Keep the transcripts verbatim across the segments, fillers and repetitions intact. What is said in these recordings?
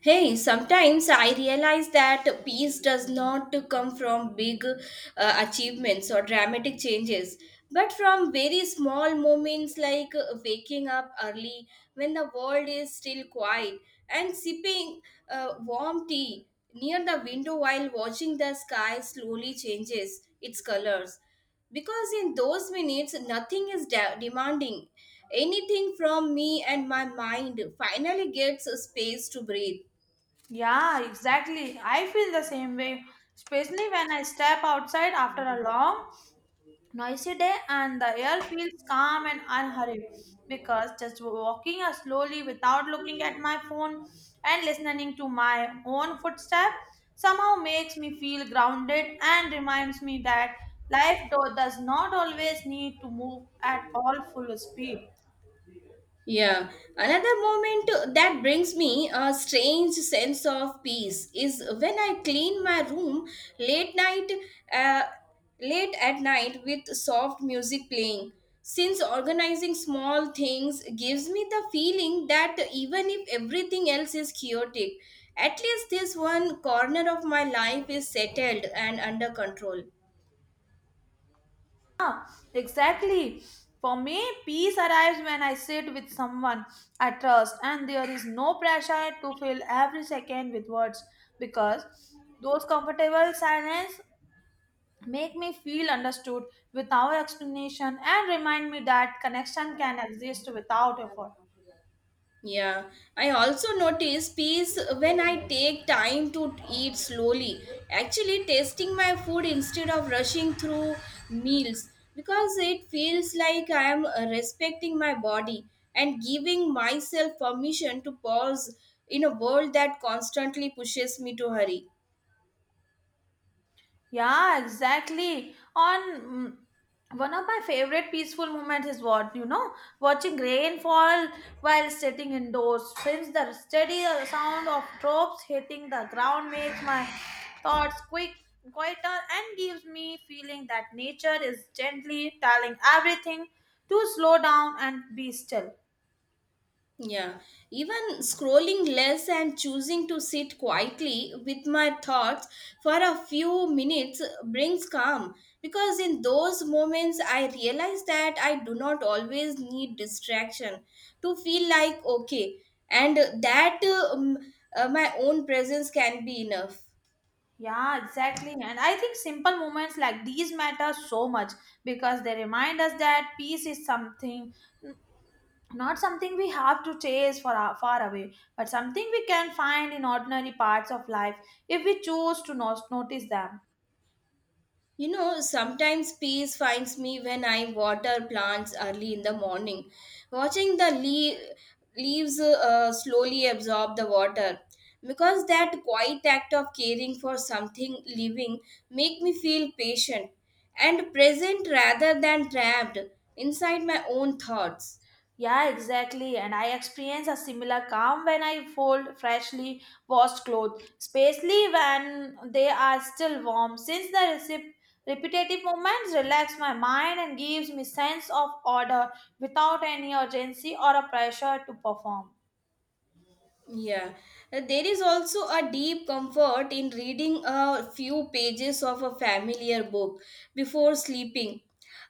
Hey, sometimes I realize that peace does not come from big uh, achievements or dramatic changes, but from very small moments like uh, waking up early when the world is still quiet and sipping uh, warm tea near the window while watching the sky slowly changes its colors because in those minutes nothing is de- demanding anything from me and my mind finally gets a space to breathe. Yeah, exactly. I feel the same way, especially when I step outside after a long, noisy day and the air feels calm and unhurried because just walking slowly without looking at my phone and listening to my own footstep somehow makes me feel grounded and reminds me that life do- does not always need to move at all full speed. Yeah, another moment that brings me a strange sense of peace is when I clean my room late night, uh, late at night with soft music playing. Since organizing small things gives me the feeling that even if everything else is chaotic, at least this one corner of my life is settled and under control. Yeah, exactly. For me, peace arrives when I sit with someone I trust and there is no pressure to fill every second with words because those comfortable silence make me feel understood without explanation and remind me that connection can exist without effort. Yeah, I also notice peace when I take time to eat slowly. Actually, tasting my food instead of rushing through meals because it feels like I am uh, respecting my body and giving myself permission to pause in a world that constantly pushes me to hurry. Yeah, exactly. On mm, one of my favorite peaceful moments is what you know, watching rain fall while sitting indoors. Since the steady uh, sound of drops hitting the ground makes my thoughts quick, quieter, and gives me feeling that nature is gently telling everything to slow down and be still. Yeah, even scrolling less and choosing to sit quietly with my thoughts for a few minutes brings calm because in those moments I realize that I do not always need distraction to feel like okay, and that um, uh, my own presence can be enough. Yeah, exactly. And I think simple moments like these matter so much because they remind us that peace is something not something we have to chase for our, far away but something we can find in ordinary parts of life if we choose to not notice them. You know, sometimes peace finds me when I water plants early in the morning. Watching the lea- leaves uh, slowly absorb the water because that quiet act of caring for something living make me feel patient and present rather than trapped inside my own thoughts. Yeah, exactly. And I experience a similar calm when I fold freshly washed clothes, especially when they are still warm, since the recip- repetitive movements relax my mind and gives me sense of order without any urgency or a pressure to perform. Yeah. Uh, there is also a deep comfort in reading a few pages of a familiar book before sleeping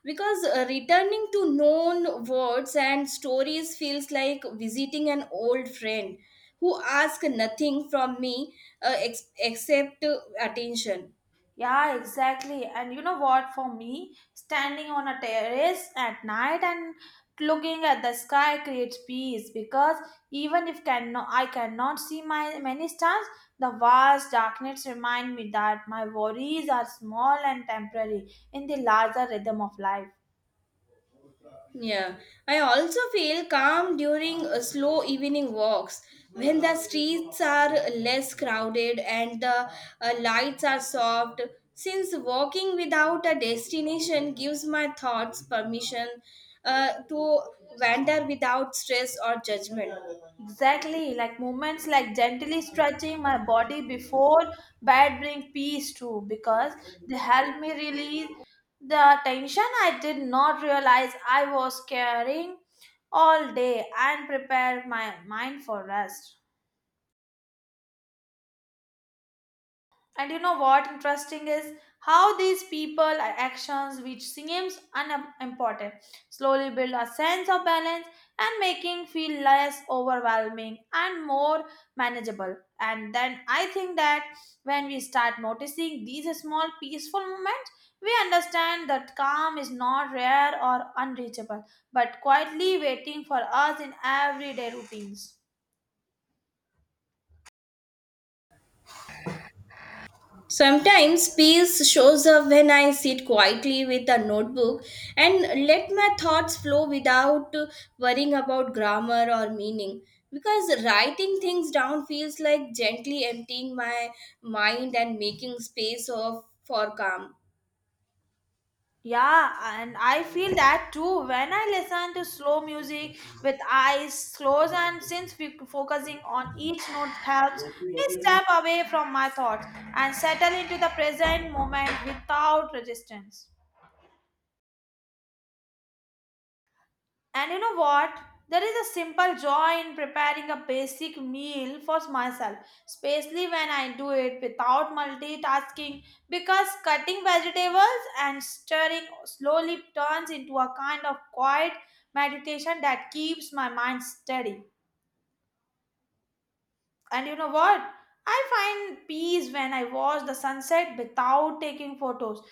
because uh, returning to known words and stories feels like visiting an old friend who asks nothing from me, uh, ex- except uh, attention. Yeah, exactly. And you know what? For me, standing on a terrace at night and looking at the sky creates peace because even if cannot, I cannot see my many stars, the vast darkness remind me that my worries are small and temporary in the larger rhythm of life. Yeah, I also feel calm during uh, slow evening walks when the streets are less crowded and the uh, lights are soft. Since walking without a destination gives my thoughts permission uh, to wander without stress or judgment. Exactly, like movements like gently stretching my body before bed bring peace too because they help me release the tension I did not realize I was carrying all day and prepare my mind for rest. And you know what interesting is how these people are actions which seems unimportant slowly build a sense of balance and making feel less overwhelming and more manageable. And then I think that when we start noticing these small peaceful moments, we understand that calm is not rare or unreachable, but quietly waiting for us in everyday routines. Sometimes peace shows up when I sit quietly with a notebook and let my thoughts flow without worrying about grammar or meaning. Because writing things down feels like gently emptying my mind and making space of, for calm. Yeah, and I feel that too when I listen to slow music with eyes closed, and since we focusing on each note helps me step away from my thoughts and settle into the present moment without resistance. And you know what? There is a simple joy in preparing a basic meal for myself, especially when I do it without multitasking, because cutting vegetables and stirring slowly turns into a kind of quiet meditation that keeps my mind steady. And you know what? I find peace when I watch the sunset without taking photos.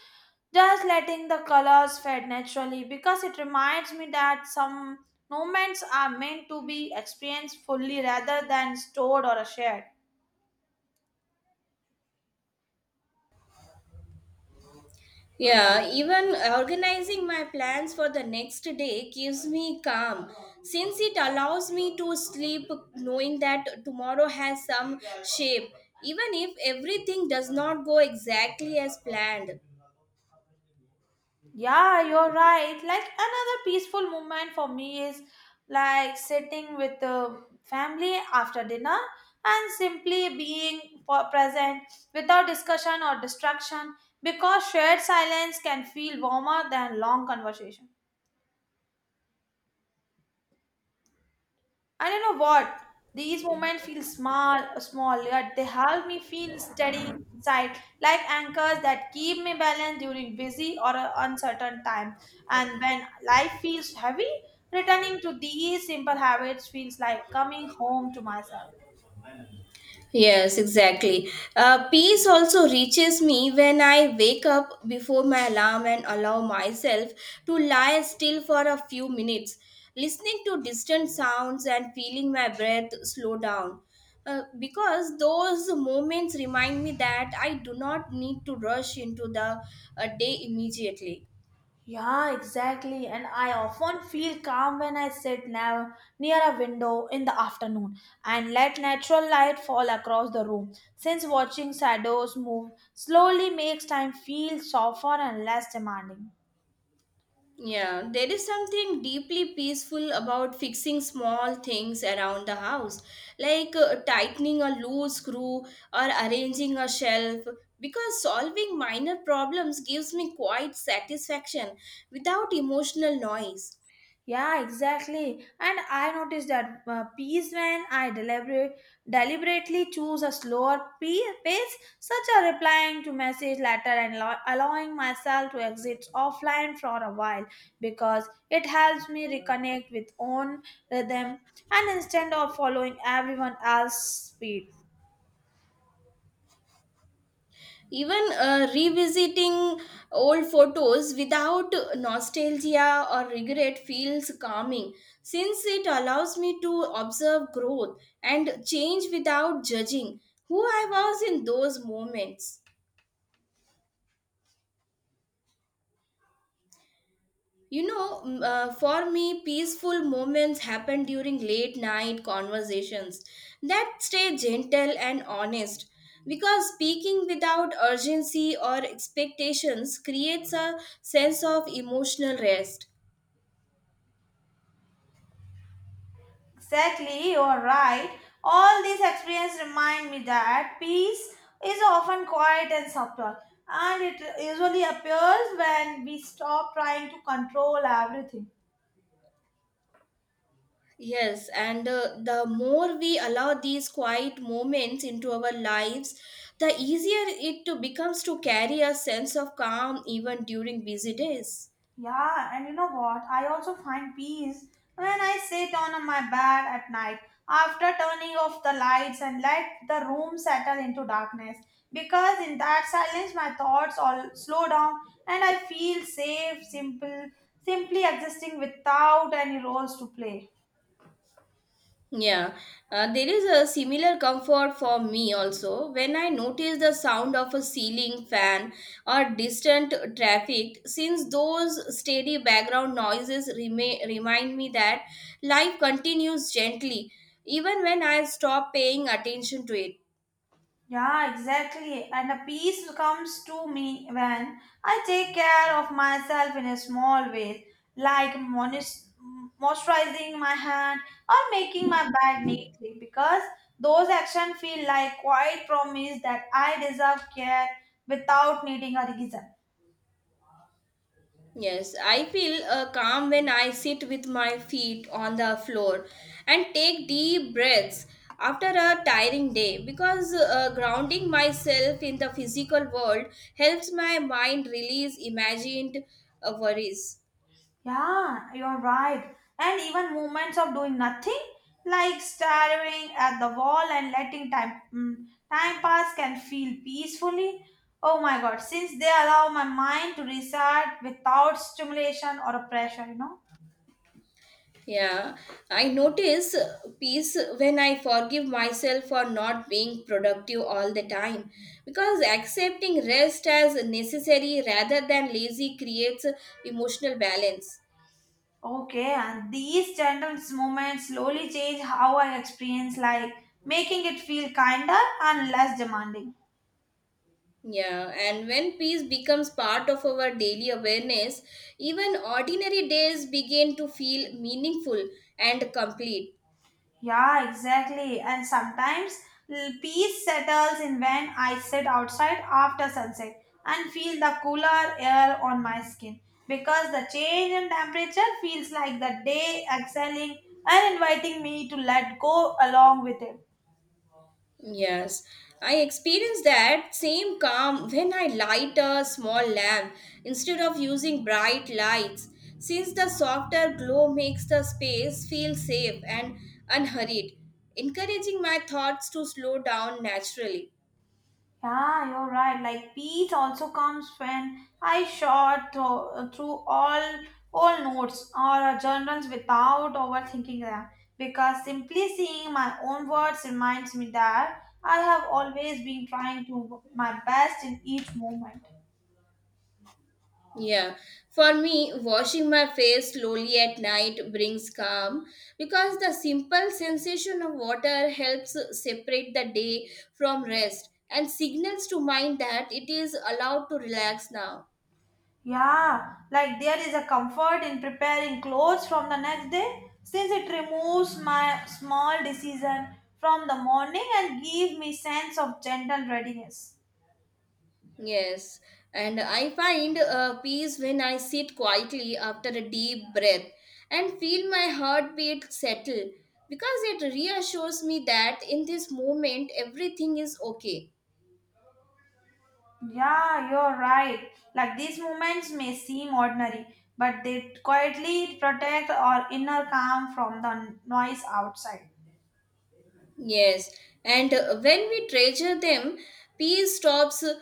Just letting the colors fade naturally because it reminds me that some moments are meant to be experienced fully rather than stored or shared. Yeah, even organizing my plans for the next day gives me calm since it allows me to sleep knowing that tomorrow has some shape, even if everything does not go exactly as planned. Yeah, you're right. Like another peaceful moment for me is like sitting with the family after dinner and simply being po- present without discussion or distraction because shared silence can feel warmer than long conversation. And you know what? These moments feel small, small, yet they help me feel steady inside, like anchors that keep me balanced during busy or a uncertain time. And when life feels heavy, returning to these simple habits feels like coming home to myself. Yes, exactly. Uh, peace also reaches me when I wake up before my alarm and allow myself to lie still for a few minutes, listening to distant sounds and feeling my breath slow down. Uh, because those moments remind me that I do not need to rush into the uh, day immediately. Yeah, exactly. And I often feel calm when I sit now near a window in the afternoon and let natural light fall across the room. Since watching shadows move slowly makes time feel softer and less demanding. Yeah, there is something deeply peaceful about fixing small things around the house, like uh, tightening a loose screw or arranging a shelf, because solving minor problems gives me quite satisfaction without emotional noise. Yeah, exactly. And I noticed that uh, peace when I deliberate, deliberately choose a slower pe- pace, such as replying to message later and allow- allowing myself to exit offline for a while, because it helps me reconnect with own rhythm and instead of following everyone else's speed. Even uh, revisiting old photos without nostalgia or regret feels calming since it allows me to observe growth and change without judging who I was in those moments. You know, m- uh, for me, peaceful moments happen during late night conversations that stay gentle and honest because speaking without urgency or expectations creates a sense of emotional rest. Exactly, you are right. All these experiences remind me that peace is often quiet and subtle, and it usually appears when we stop trying to control everything. Yes, and uh, the more we allow these quiet moments into our lives, the easier it to becomes to carry a sense of calm even during busy days. Yeah, and you know what? I also find peace when I sit on my bed at night after turning off the lights and let the room settle into darkness. Because in that silence, my thoughts all slow down and I feel safe, simple, simply existing without any roles to play. Yeah. Uh, there is a similar comfort for me also when I notice the sound of a ceiling fan or distant traffic, since those steady background noises rema remind me that life continues gently even when I stop paying attention to it. Yeah, exactly. And a peace comes to me when I take care of myself in a small ways, like monis- moisturizing my hand or making my bed neatly, because those actions feel like quiet promise that I deserve care without needing a reason. Yes, I feel uh, calm when I sit with my feet on the floor and take deep breaths after a tiring day because uh, grounding myself in the physical world helps my mind release imagined uh, worries. Yeah, you're right. And even moments of doing nothing, like staring at the wall and letting time mm, time pass, can feel peacefully. Oh my God! Since they allow my mind to reset without stimulation or pressure, you know. Yeah, I notice peace when I forgive myself for not being productive all the time because accepting rest as necessary rather than lazy creates emotional balance. Okay, and these gentle moments slowly change how I experience life, making it feel kinder and less demanding. Yeah, and when peace becomes part of our daily awareness, even ordinary days begin to feel meaningful and complete. Yeah, exactly. And sometimes l- peace settles in when I sit outside after sunset and feel the cooler air on my skin because the change in temperature feels like the day exhaling and inviting me to let go along with it. Yes, I experience that same calm when I light a small lamp instead of using bright lights, since the softer glow makes the space feel safe and unhurried, encouraging my thoughts to slow down naturally. Yeah, you're right. Like peace also comes when I shot thro- through all all notes or journals without overthinking them because simply seeing my own words reminds me that I have always been trying to my best in each moment. Yeah, for me, washing my face slowly at night brings calm because the simple sensation of water helps separate the day from rest and signals to mind that it is allowed to relax now. Yeah, like there is a comfort in preparing clothes from the next day since it removes my small decision from the morning and give me sense of gentle readiness. Yes, and I find uh, peace when I sit quietly after a deep breath and feel my heartbeat settle because it reassures me that in this moment everything is okay. Yeah, you're right. Like these moments may seem ordinary, but they quietly protect our inner calm from the noise outside. Yes, and uh, when we treasure them, peace stops uh,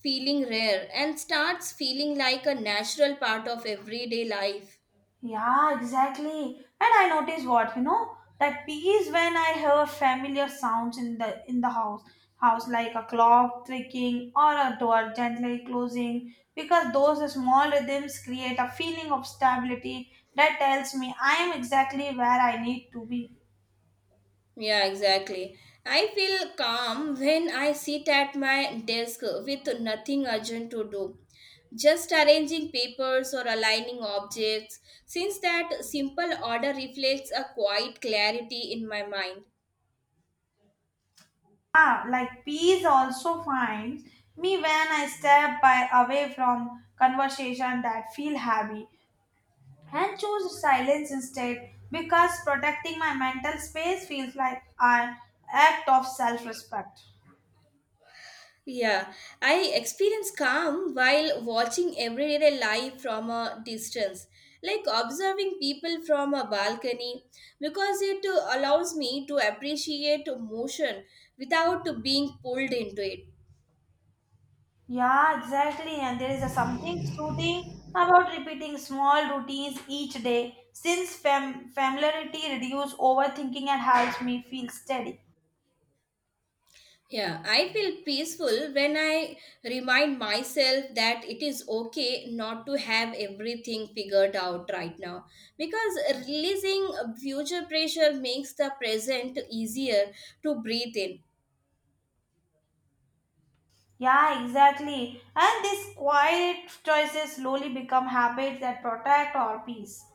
feeling rare and starts feeling like a natural part of everyday life. Yeah, exactly. And I notice what, you know, that peace when I hear familiar sounds in the in the house, house like a clock ticking or a door gently closing, because those small rhythms create a feeling of stability that tells me I am exactly where I need to be. Yeah, exactly. I feel calm when I sit at my desk with nothing urgent to do, just arranging papers or aligning objects, since that simple order reflects a quiet clarity in my mind. Ah, like peace also finds me when I step by away from conversation that feel heavy and choose silence instead because protecting my mental space feels like an act of self-respect. Yeah, I experience calm while watching everyday life from a distance, like observing people from a balcony, because it uh, allows me to appreciate motion without being pulled into it. Yeah, exactly. And there is a something soothing about repeating small routines each day since fam- familiarity reduces overthinking and helps me feel steady. Yeah, I feel peaceful when I remind myself that it is okay not to have everything figured out right now because releasing future pressure makes the present easier to breathe in. Yeah, exactly. And these quiet choices slowly become habits that protect our peace.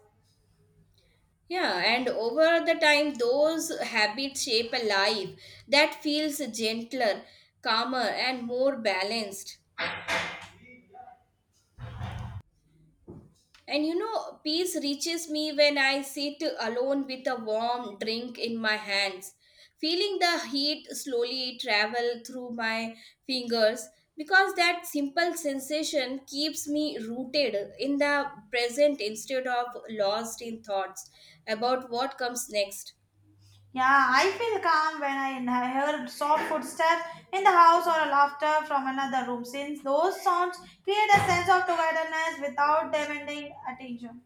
Yeah, and over the time, those habits shape a life that feels gentler, calmer, and more balanced. And you know, peace reaches me when I sit alone with a warm drink in my hands, feeling the heat slowly travel through my fingers because that simple sensation keeps me rooted in the present instead of lost in thoughts about what comes next. Yeah, I feel calm when I inha- hear soft footsteps in the house or a laughter from another room, since those sounds create a sense of togetherness without demanding attention.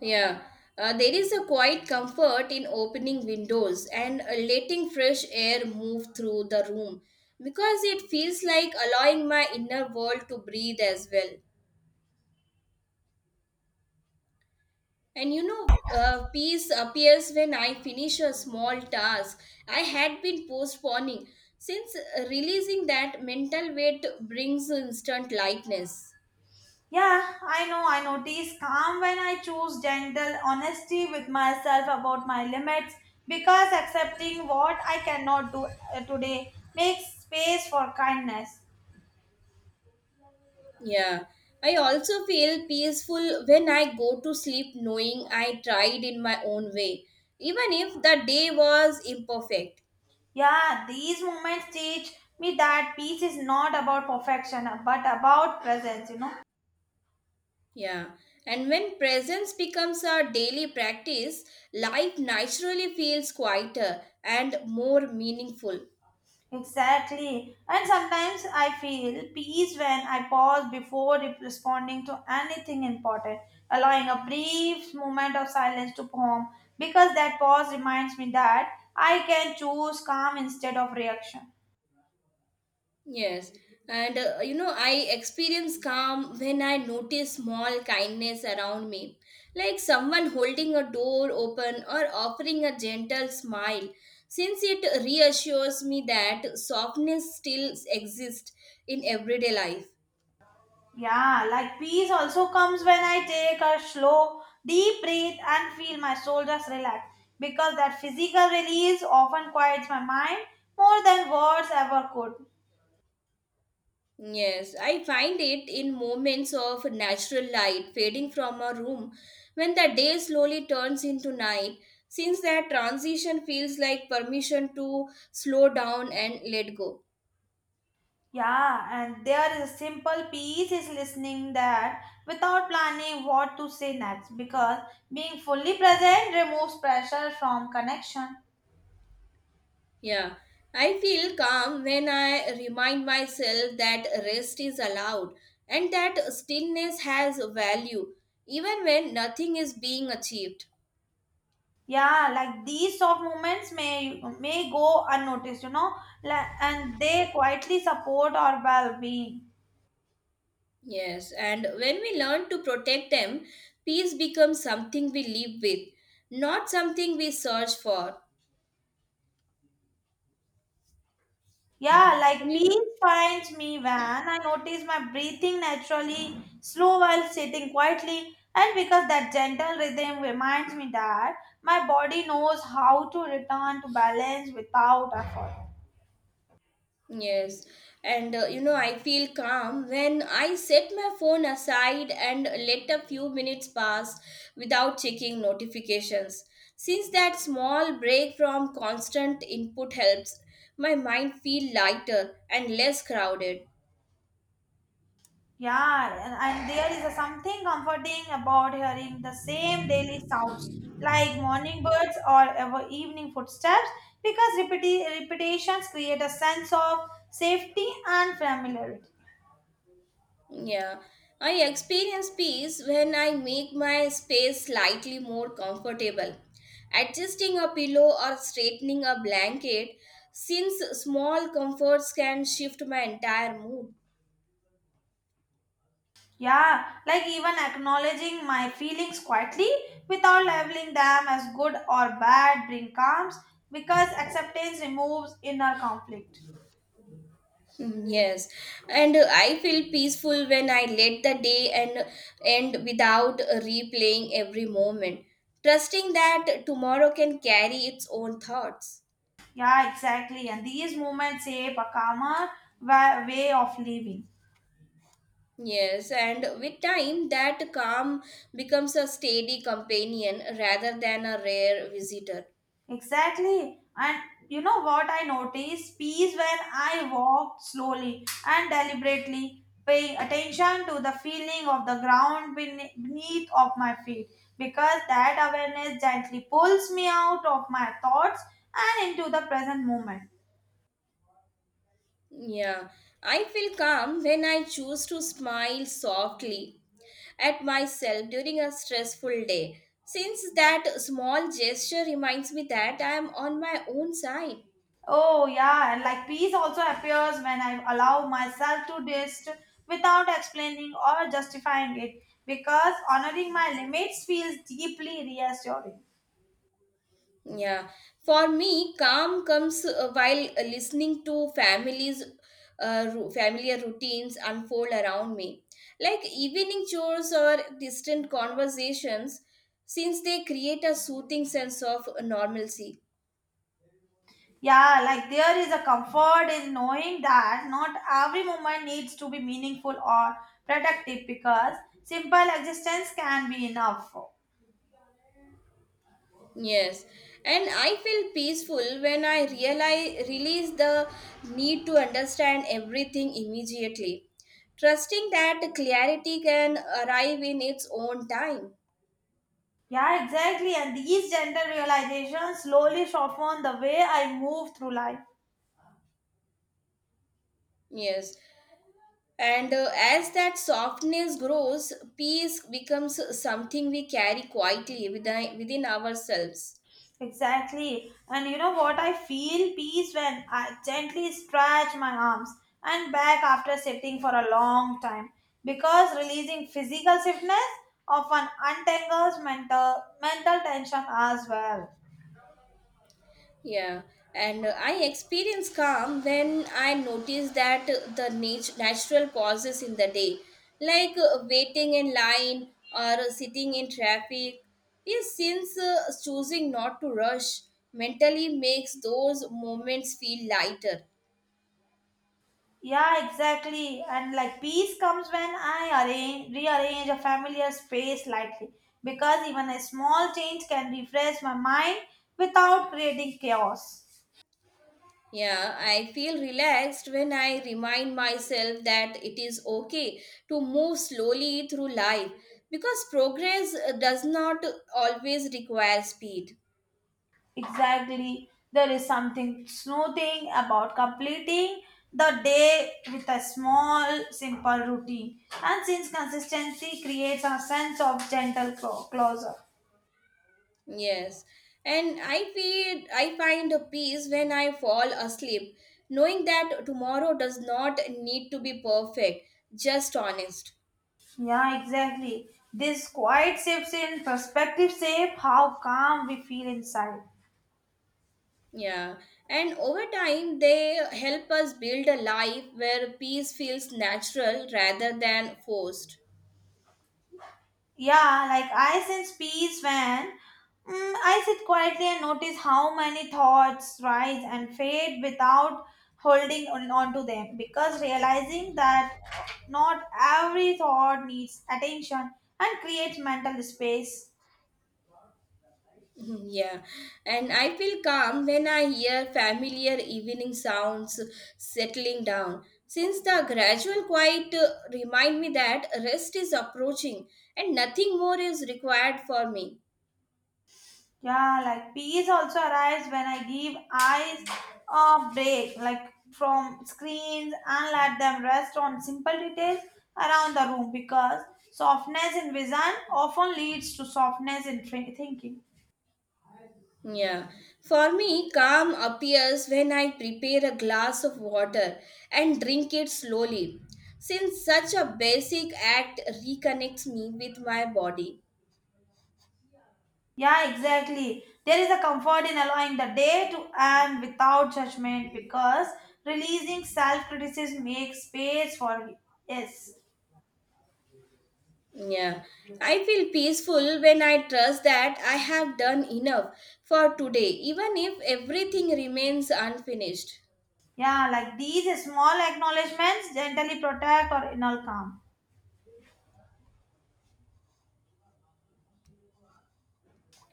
Yeah. Uh, there is a quiet comfort in opening windows and uh, letting fresh air move through the room because it feels like allowing my inner world to breathe as well. And you know, uh, peace appears when I finish a small task I had been postponing, since uh, releasing that mental weight brings instant lightness. Yeah, I know I notice calm when I choose gentle honesty with myself about my limits because accepting what I cannot do uh, today makes space for kindness. Yeah, I also feel peaceful when I go to sleep knowing I tried in my own way, even if the day was imperfect. Yeah, these moments teach me that peace is not about perfection but about presence, you know. Yeah, and when presence becomes our daily practice, life naturally feels quieter and more meaningful. Exactly. And sometimes I feel peace when I pause before re- responding to anything important, allowing a brief moment of silence to form because that pause reminds me that I can choose calm instead of reaction. Yes, and uh, you know, I experience calm when I notice small kindness around me, like someone holding a door open or offering a gentle smile, since it reassures me that softness still exists in everyday life. Yeah, like peace also comes when I take a slow, deep breath and feel my shoulders relax because that physical release often quiets my mind more than words ever could. Yes, I find it in moments of natural light fading from a room when the day slowly turns into night, since that transition feels like permission to slow down and let go. Yeah, and there is a simple peace is listening that without planning what to say next because being fully present removes pressure from connection. Yeah, I feel calm when I remind myself that rest is allowed and that stillness has value even when nothing is being achieved. Yeah, like these soft moments may may go unnoticed, you know, like, and they quietly support our well-being. Yes, and when we learn to protect them, peace becomes something we live with, not something we search for. Yeah, And like you peace know, finds me when I notice my breathing naturally, slow while sitting quietly, and because that gentle rhythm reminds me that my body knows how to return to balance without effort. yes, and uh, you know, I feel calm when I set my phone aside and let a few minutes pass without checking notifications. Since that small break from constant input helps my mind feel lighter and less crowded. Yeah, and, and there is a something comforting about hearing the same daily sounds like morning birds or ever evening footsteps because repeti- repetitions create a sense of safety and familiarity. Yeah, I experience peace when I make my space slightly more comfortable. Adjusting a pillow or straightening a blanket, since small comforts can shift my entire mood. Yeah, like even acknowledging my feelings quietly without labeling them as good or bad bring calms because acceptance removes inner conflict. Mm, yes, and uh, I feel peaceful when I let the day and end without uh, replaying every moment, trusting that tomorrow can carry its own thoughts. Yeah, exactly. And these movements shape a calmer wa- way of living. Yes, and with time, that calm becomes a steady companion rather than a rare visitor. Exactly. And you know what I noticed? Peace when I walked slowly and deliberately, paying attention to the feeling of the ground bene- beneath of my feet, because that awareness gently pulls me out of my thoughts and into the present moment. Yeah, I feel calm when I choose to smile softly at myself during a stressful day, since that small gesture reminds me that I am on my own side. Oh yeah, and like peace also appears when I allow myself to rest without explaining or justifying it, because honoring my limits feels deeply reassuring. Yeah, for me, calm comes uh, while uh, listening to families, uh, ru- familiar routines unfold around me, like evening chores or distant conversations, since they create a soothing sense of normalcy. Yeah, like there is a comfort in knowing that not every moment needs to be meaningful or productive because simple existence can be enough. Yes, and I feel peaceful when I realize release the need to understand everything immediately, trusting that clarity can arrive in its own time. Yeah, exactly. And these gentle realizations slowly soften the way I move through life. Yes. And uh, as that softness grows, peace becomes something we carry quietly within, within ourselves. Exactly. And you know what? I feel peace when I gently stretch my arms and back after sitting for a long time because releasing physical stiffness often untangles mental mental tension as well. Yeah. And uh, I experience calm when I notice that uh, the nat- natural pauses in the day, like uh, waiting in line or sitting in traffic. Yes, since uh, choosing not to rush mentally makes those moments feel lighter. Yeah, exactly. And like peace comes when I arrange rearrange a familiar space lightly because even a small change can refresh my mind without creating chaos. Yeah, I feel relaxed when I remind myself that it is okay to move slowly through life because progress uh, does not always require speed. Exactly. There is something soothing about completing the day with a small, simple routine. And since consistency creates a sense of gentle clo- closure. Yes. And I feel I find a peace when I fall asleep, knowing that tomorrow does not need to be perfect, just honest. Yeah, exactly. This quiet shifts in perspective shape how calm we feel inside. Yeah. And over time, they help us build a life where peace feels natural rather than forced. Yeah, like I sense peace when mm, I sit quietly and notice how many thoughts rise and fade without holding on, on to them. Because realizing that not every thought needs attention and creates mental space. Mhm, yeah, and I feel calm when I hear familiar evening sounds settling down, since the gradual quiet uh, remind me that rest is approaching and nothing more is required for me. Yeah, like peace also arrives when I give eyes a break, like from screens and let them rest on simple details around the room because softness in vision often leads to softness in thi- thinking. Yeah, for me, calm appears when I prepare a glass of water and drink it slowly, since such a basic act reconnects me with my body. Yeah, exactly. There is a comfort in allowing the day to end without judgment because releasing self criticism makes space for it. Yes. Yeah, I feel peaceful when I trust that I have done enough for today, even if everything remains unfinished. Yeah, like these small acknowledgements gently protect or inner calm.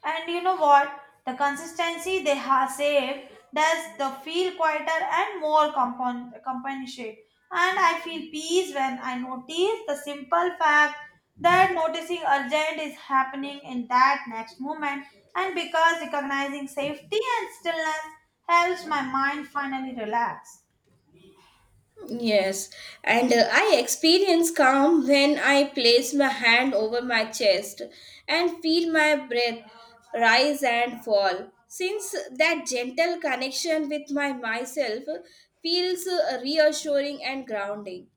And you know what? The consistency they have saved does the feel quieter and more compon- companionship. And I feel peace when I notice the simple fact that noticing urgent is happening in that next moment. And because recognizing safety and stillness helps my mind finally relax. Yes, and uh, I experience calm when I place my hand over my chest and feel my breath rise and fall. Since that gentle connection with my myself feels uh, reassuring and grounding.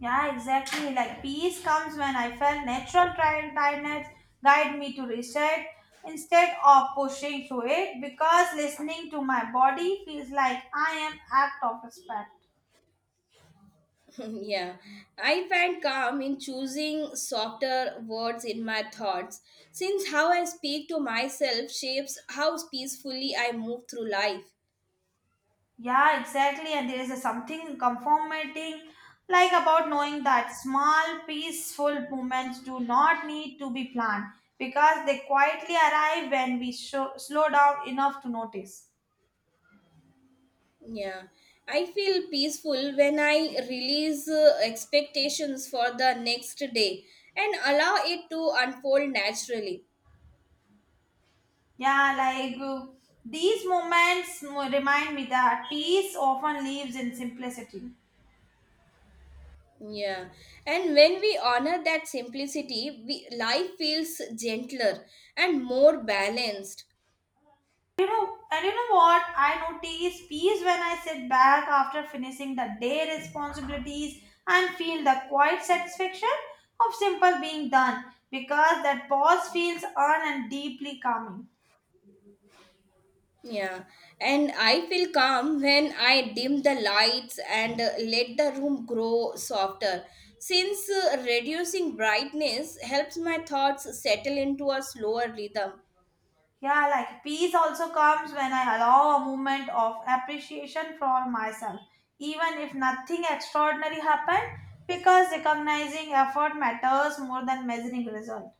Yeah, exactly. Like peace comes when I felt natural tri- tiredness guide me to reset instead of pushing through it because listening to my body feels like I am act of respect. Yeah, I find calm in choosing softer words in my thoughts, since how I speak to myself shapes how peacefully I move through life. Yeah, exactly. And there is a something comforting like about knowing that small peaceful moments do not need to be planned because they quietly arrive when we show, slow down enough to notice. Yeah, I feel peaceful when I release uh, expectations for the next day and allow it to unfold naturally. Yeah, like uh, these moments mo- remind me that peace often lives in simplicity. Yeah, and when we honor that simplicity, we, life feels gentler and more balanced. You know, and you know what? I notice peace when I sit back after finishing the day responsibilities and feel the quiet satisfaction of simple being done because that pause feels earned and deeply calming. Yeah, and I feel calm when I dim the lights and uh, let the room grow softer. Since uh, reducing brightness helps my thoughts settle into a slower rhythm. Yeah, like peace also comes when I allow a moment of appreciation for myself, even if nothing extraordinary happened, because recognizing effort matters more than measuring result.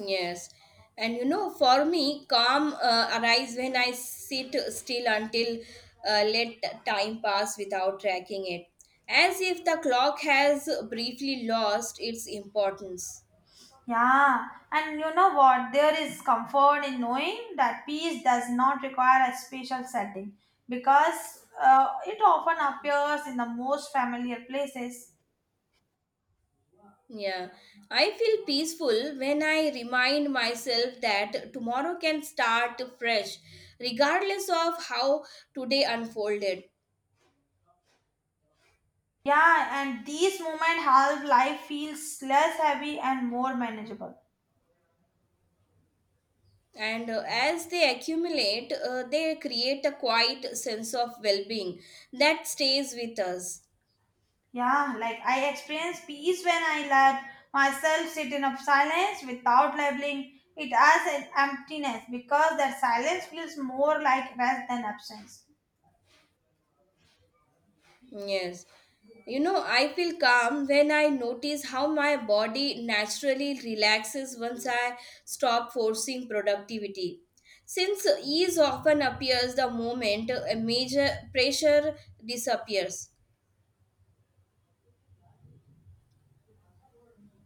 Yes, and you know, for me, calm uh, arrives when I sit still until uh, let time pass without tracking it, as if the clock has briefly lost its importance. Yeah, and you know what? There is comfort in knowing that peace does not require a special setting because uh, it often appears in the most familiar places. Yeah, I feel peaceful when I remind myself that tomorrow can start fresh, regardless of how today unfolded. Yeah, and these moments help life feels less heavy and more manageable. And uh, as they accumulate, uh, they create a quiet sense of well being that stays with us. Yeah, like I experience peace when I let myself sit in a silence without labeling it as an emptiness because that silence feels more like rest than absence. Yes. You know, I feel calm when I notice how my body naturally relaxes once I stop forcing productivity. Since ease often appears the moment a major pressure disappears.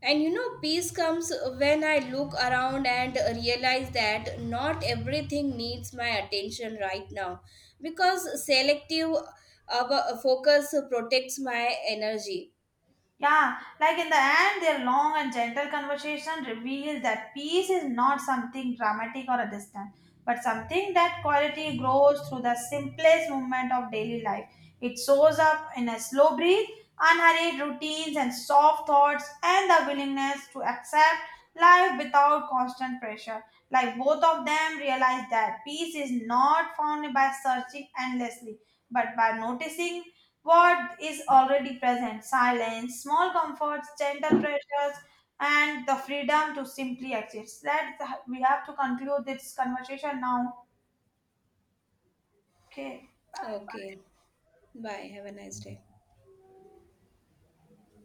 And you know, peace comes when I look around and realize that not everything needs my attention right now because selective uh, focus protects my energy. Yeah, like in the end, their long and gentle conversation reveals that peace is not something dramatic or distant, but something that quality grows through the simplest moment of daily life. It shows up in a slow breathe, unhurried routines, and soft thoughts, and the willingness to accept life without constant pressure. Like both of them realize that peace is not found by searching endlessly, but by noticing what is already present silence, small comforts, gentle pressures, and the freedom to simply exist. That we have to conclude this conversation now. Okay, bye bye. Okay. Bye. Have a nice day.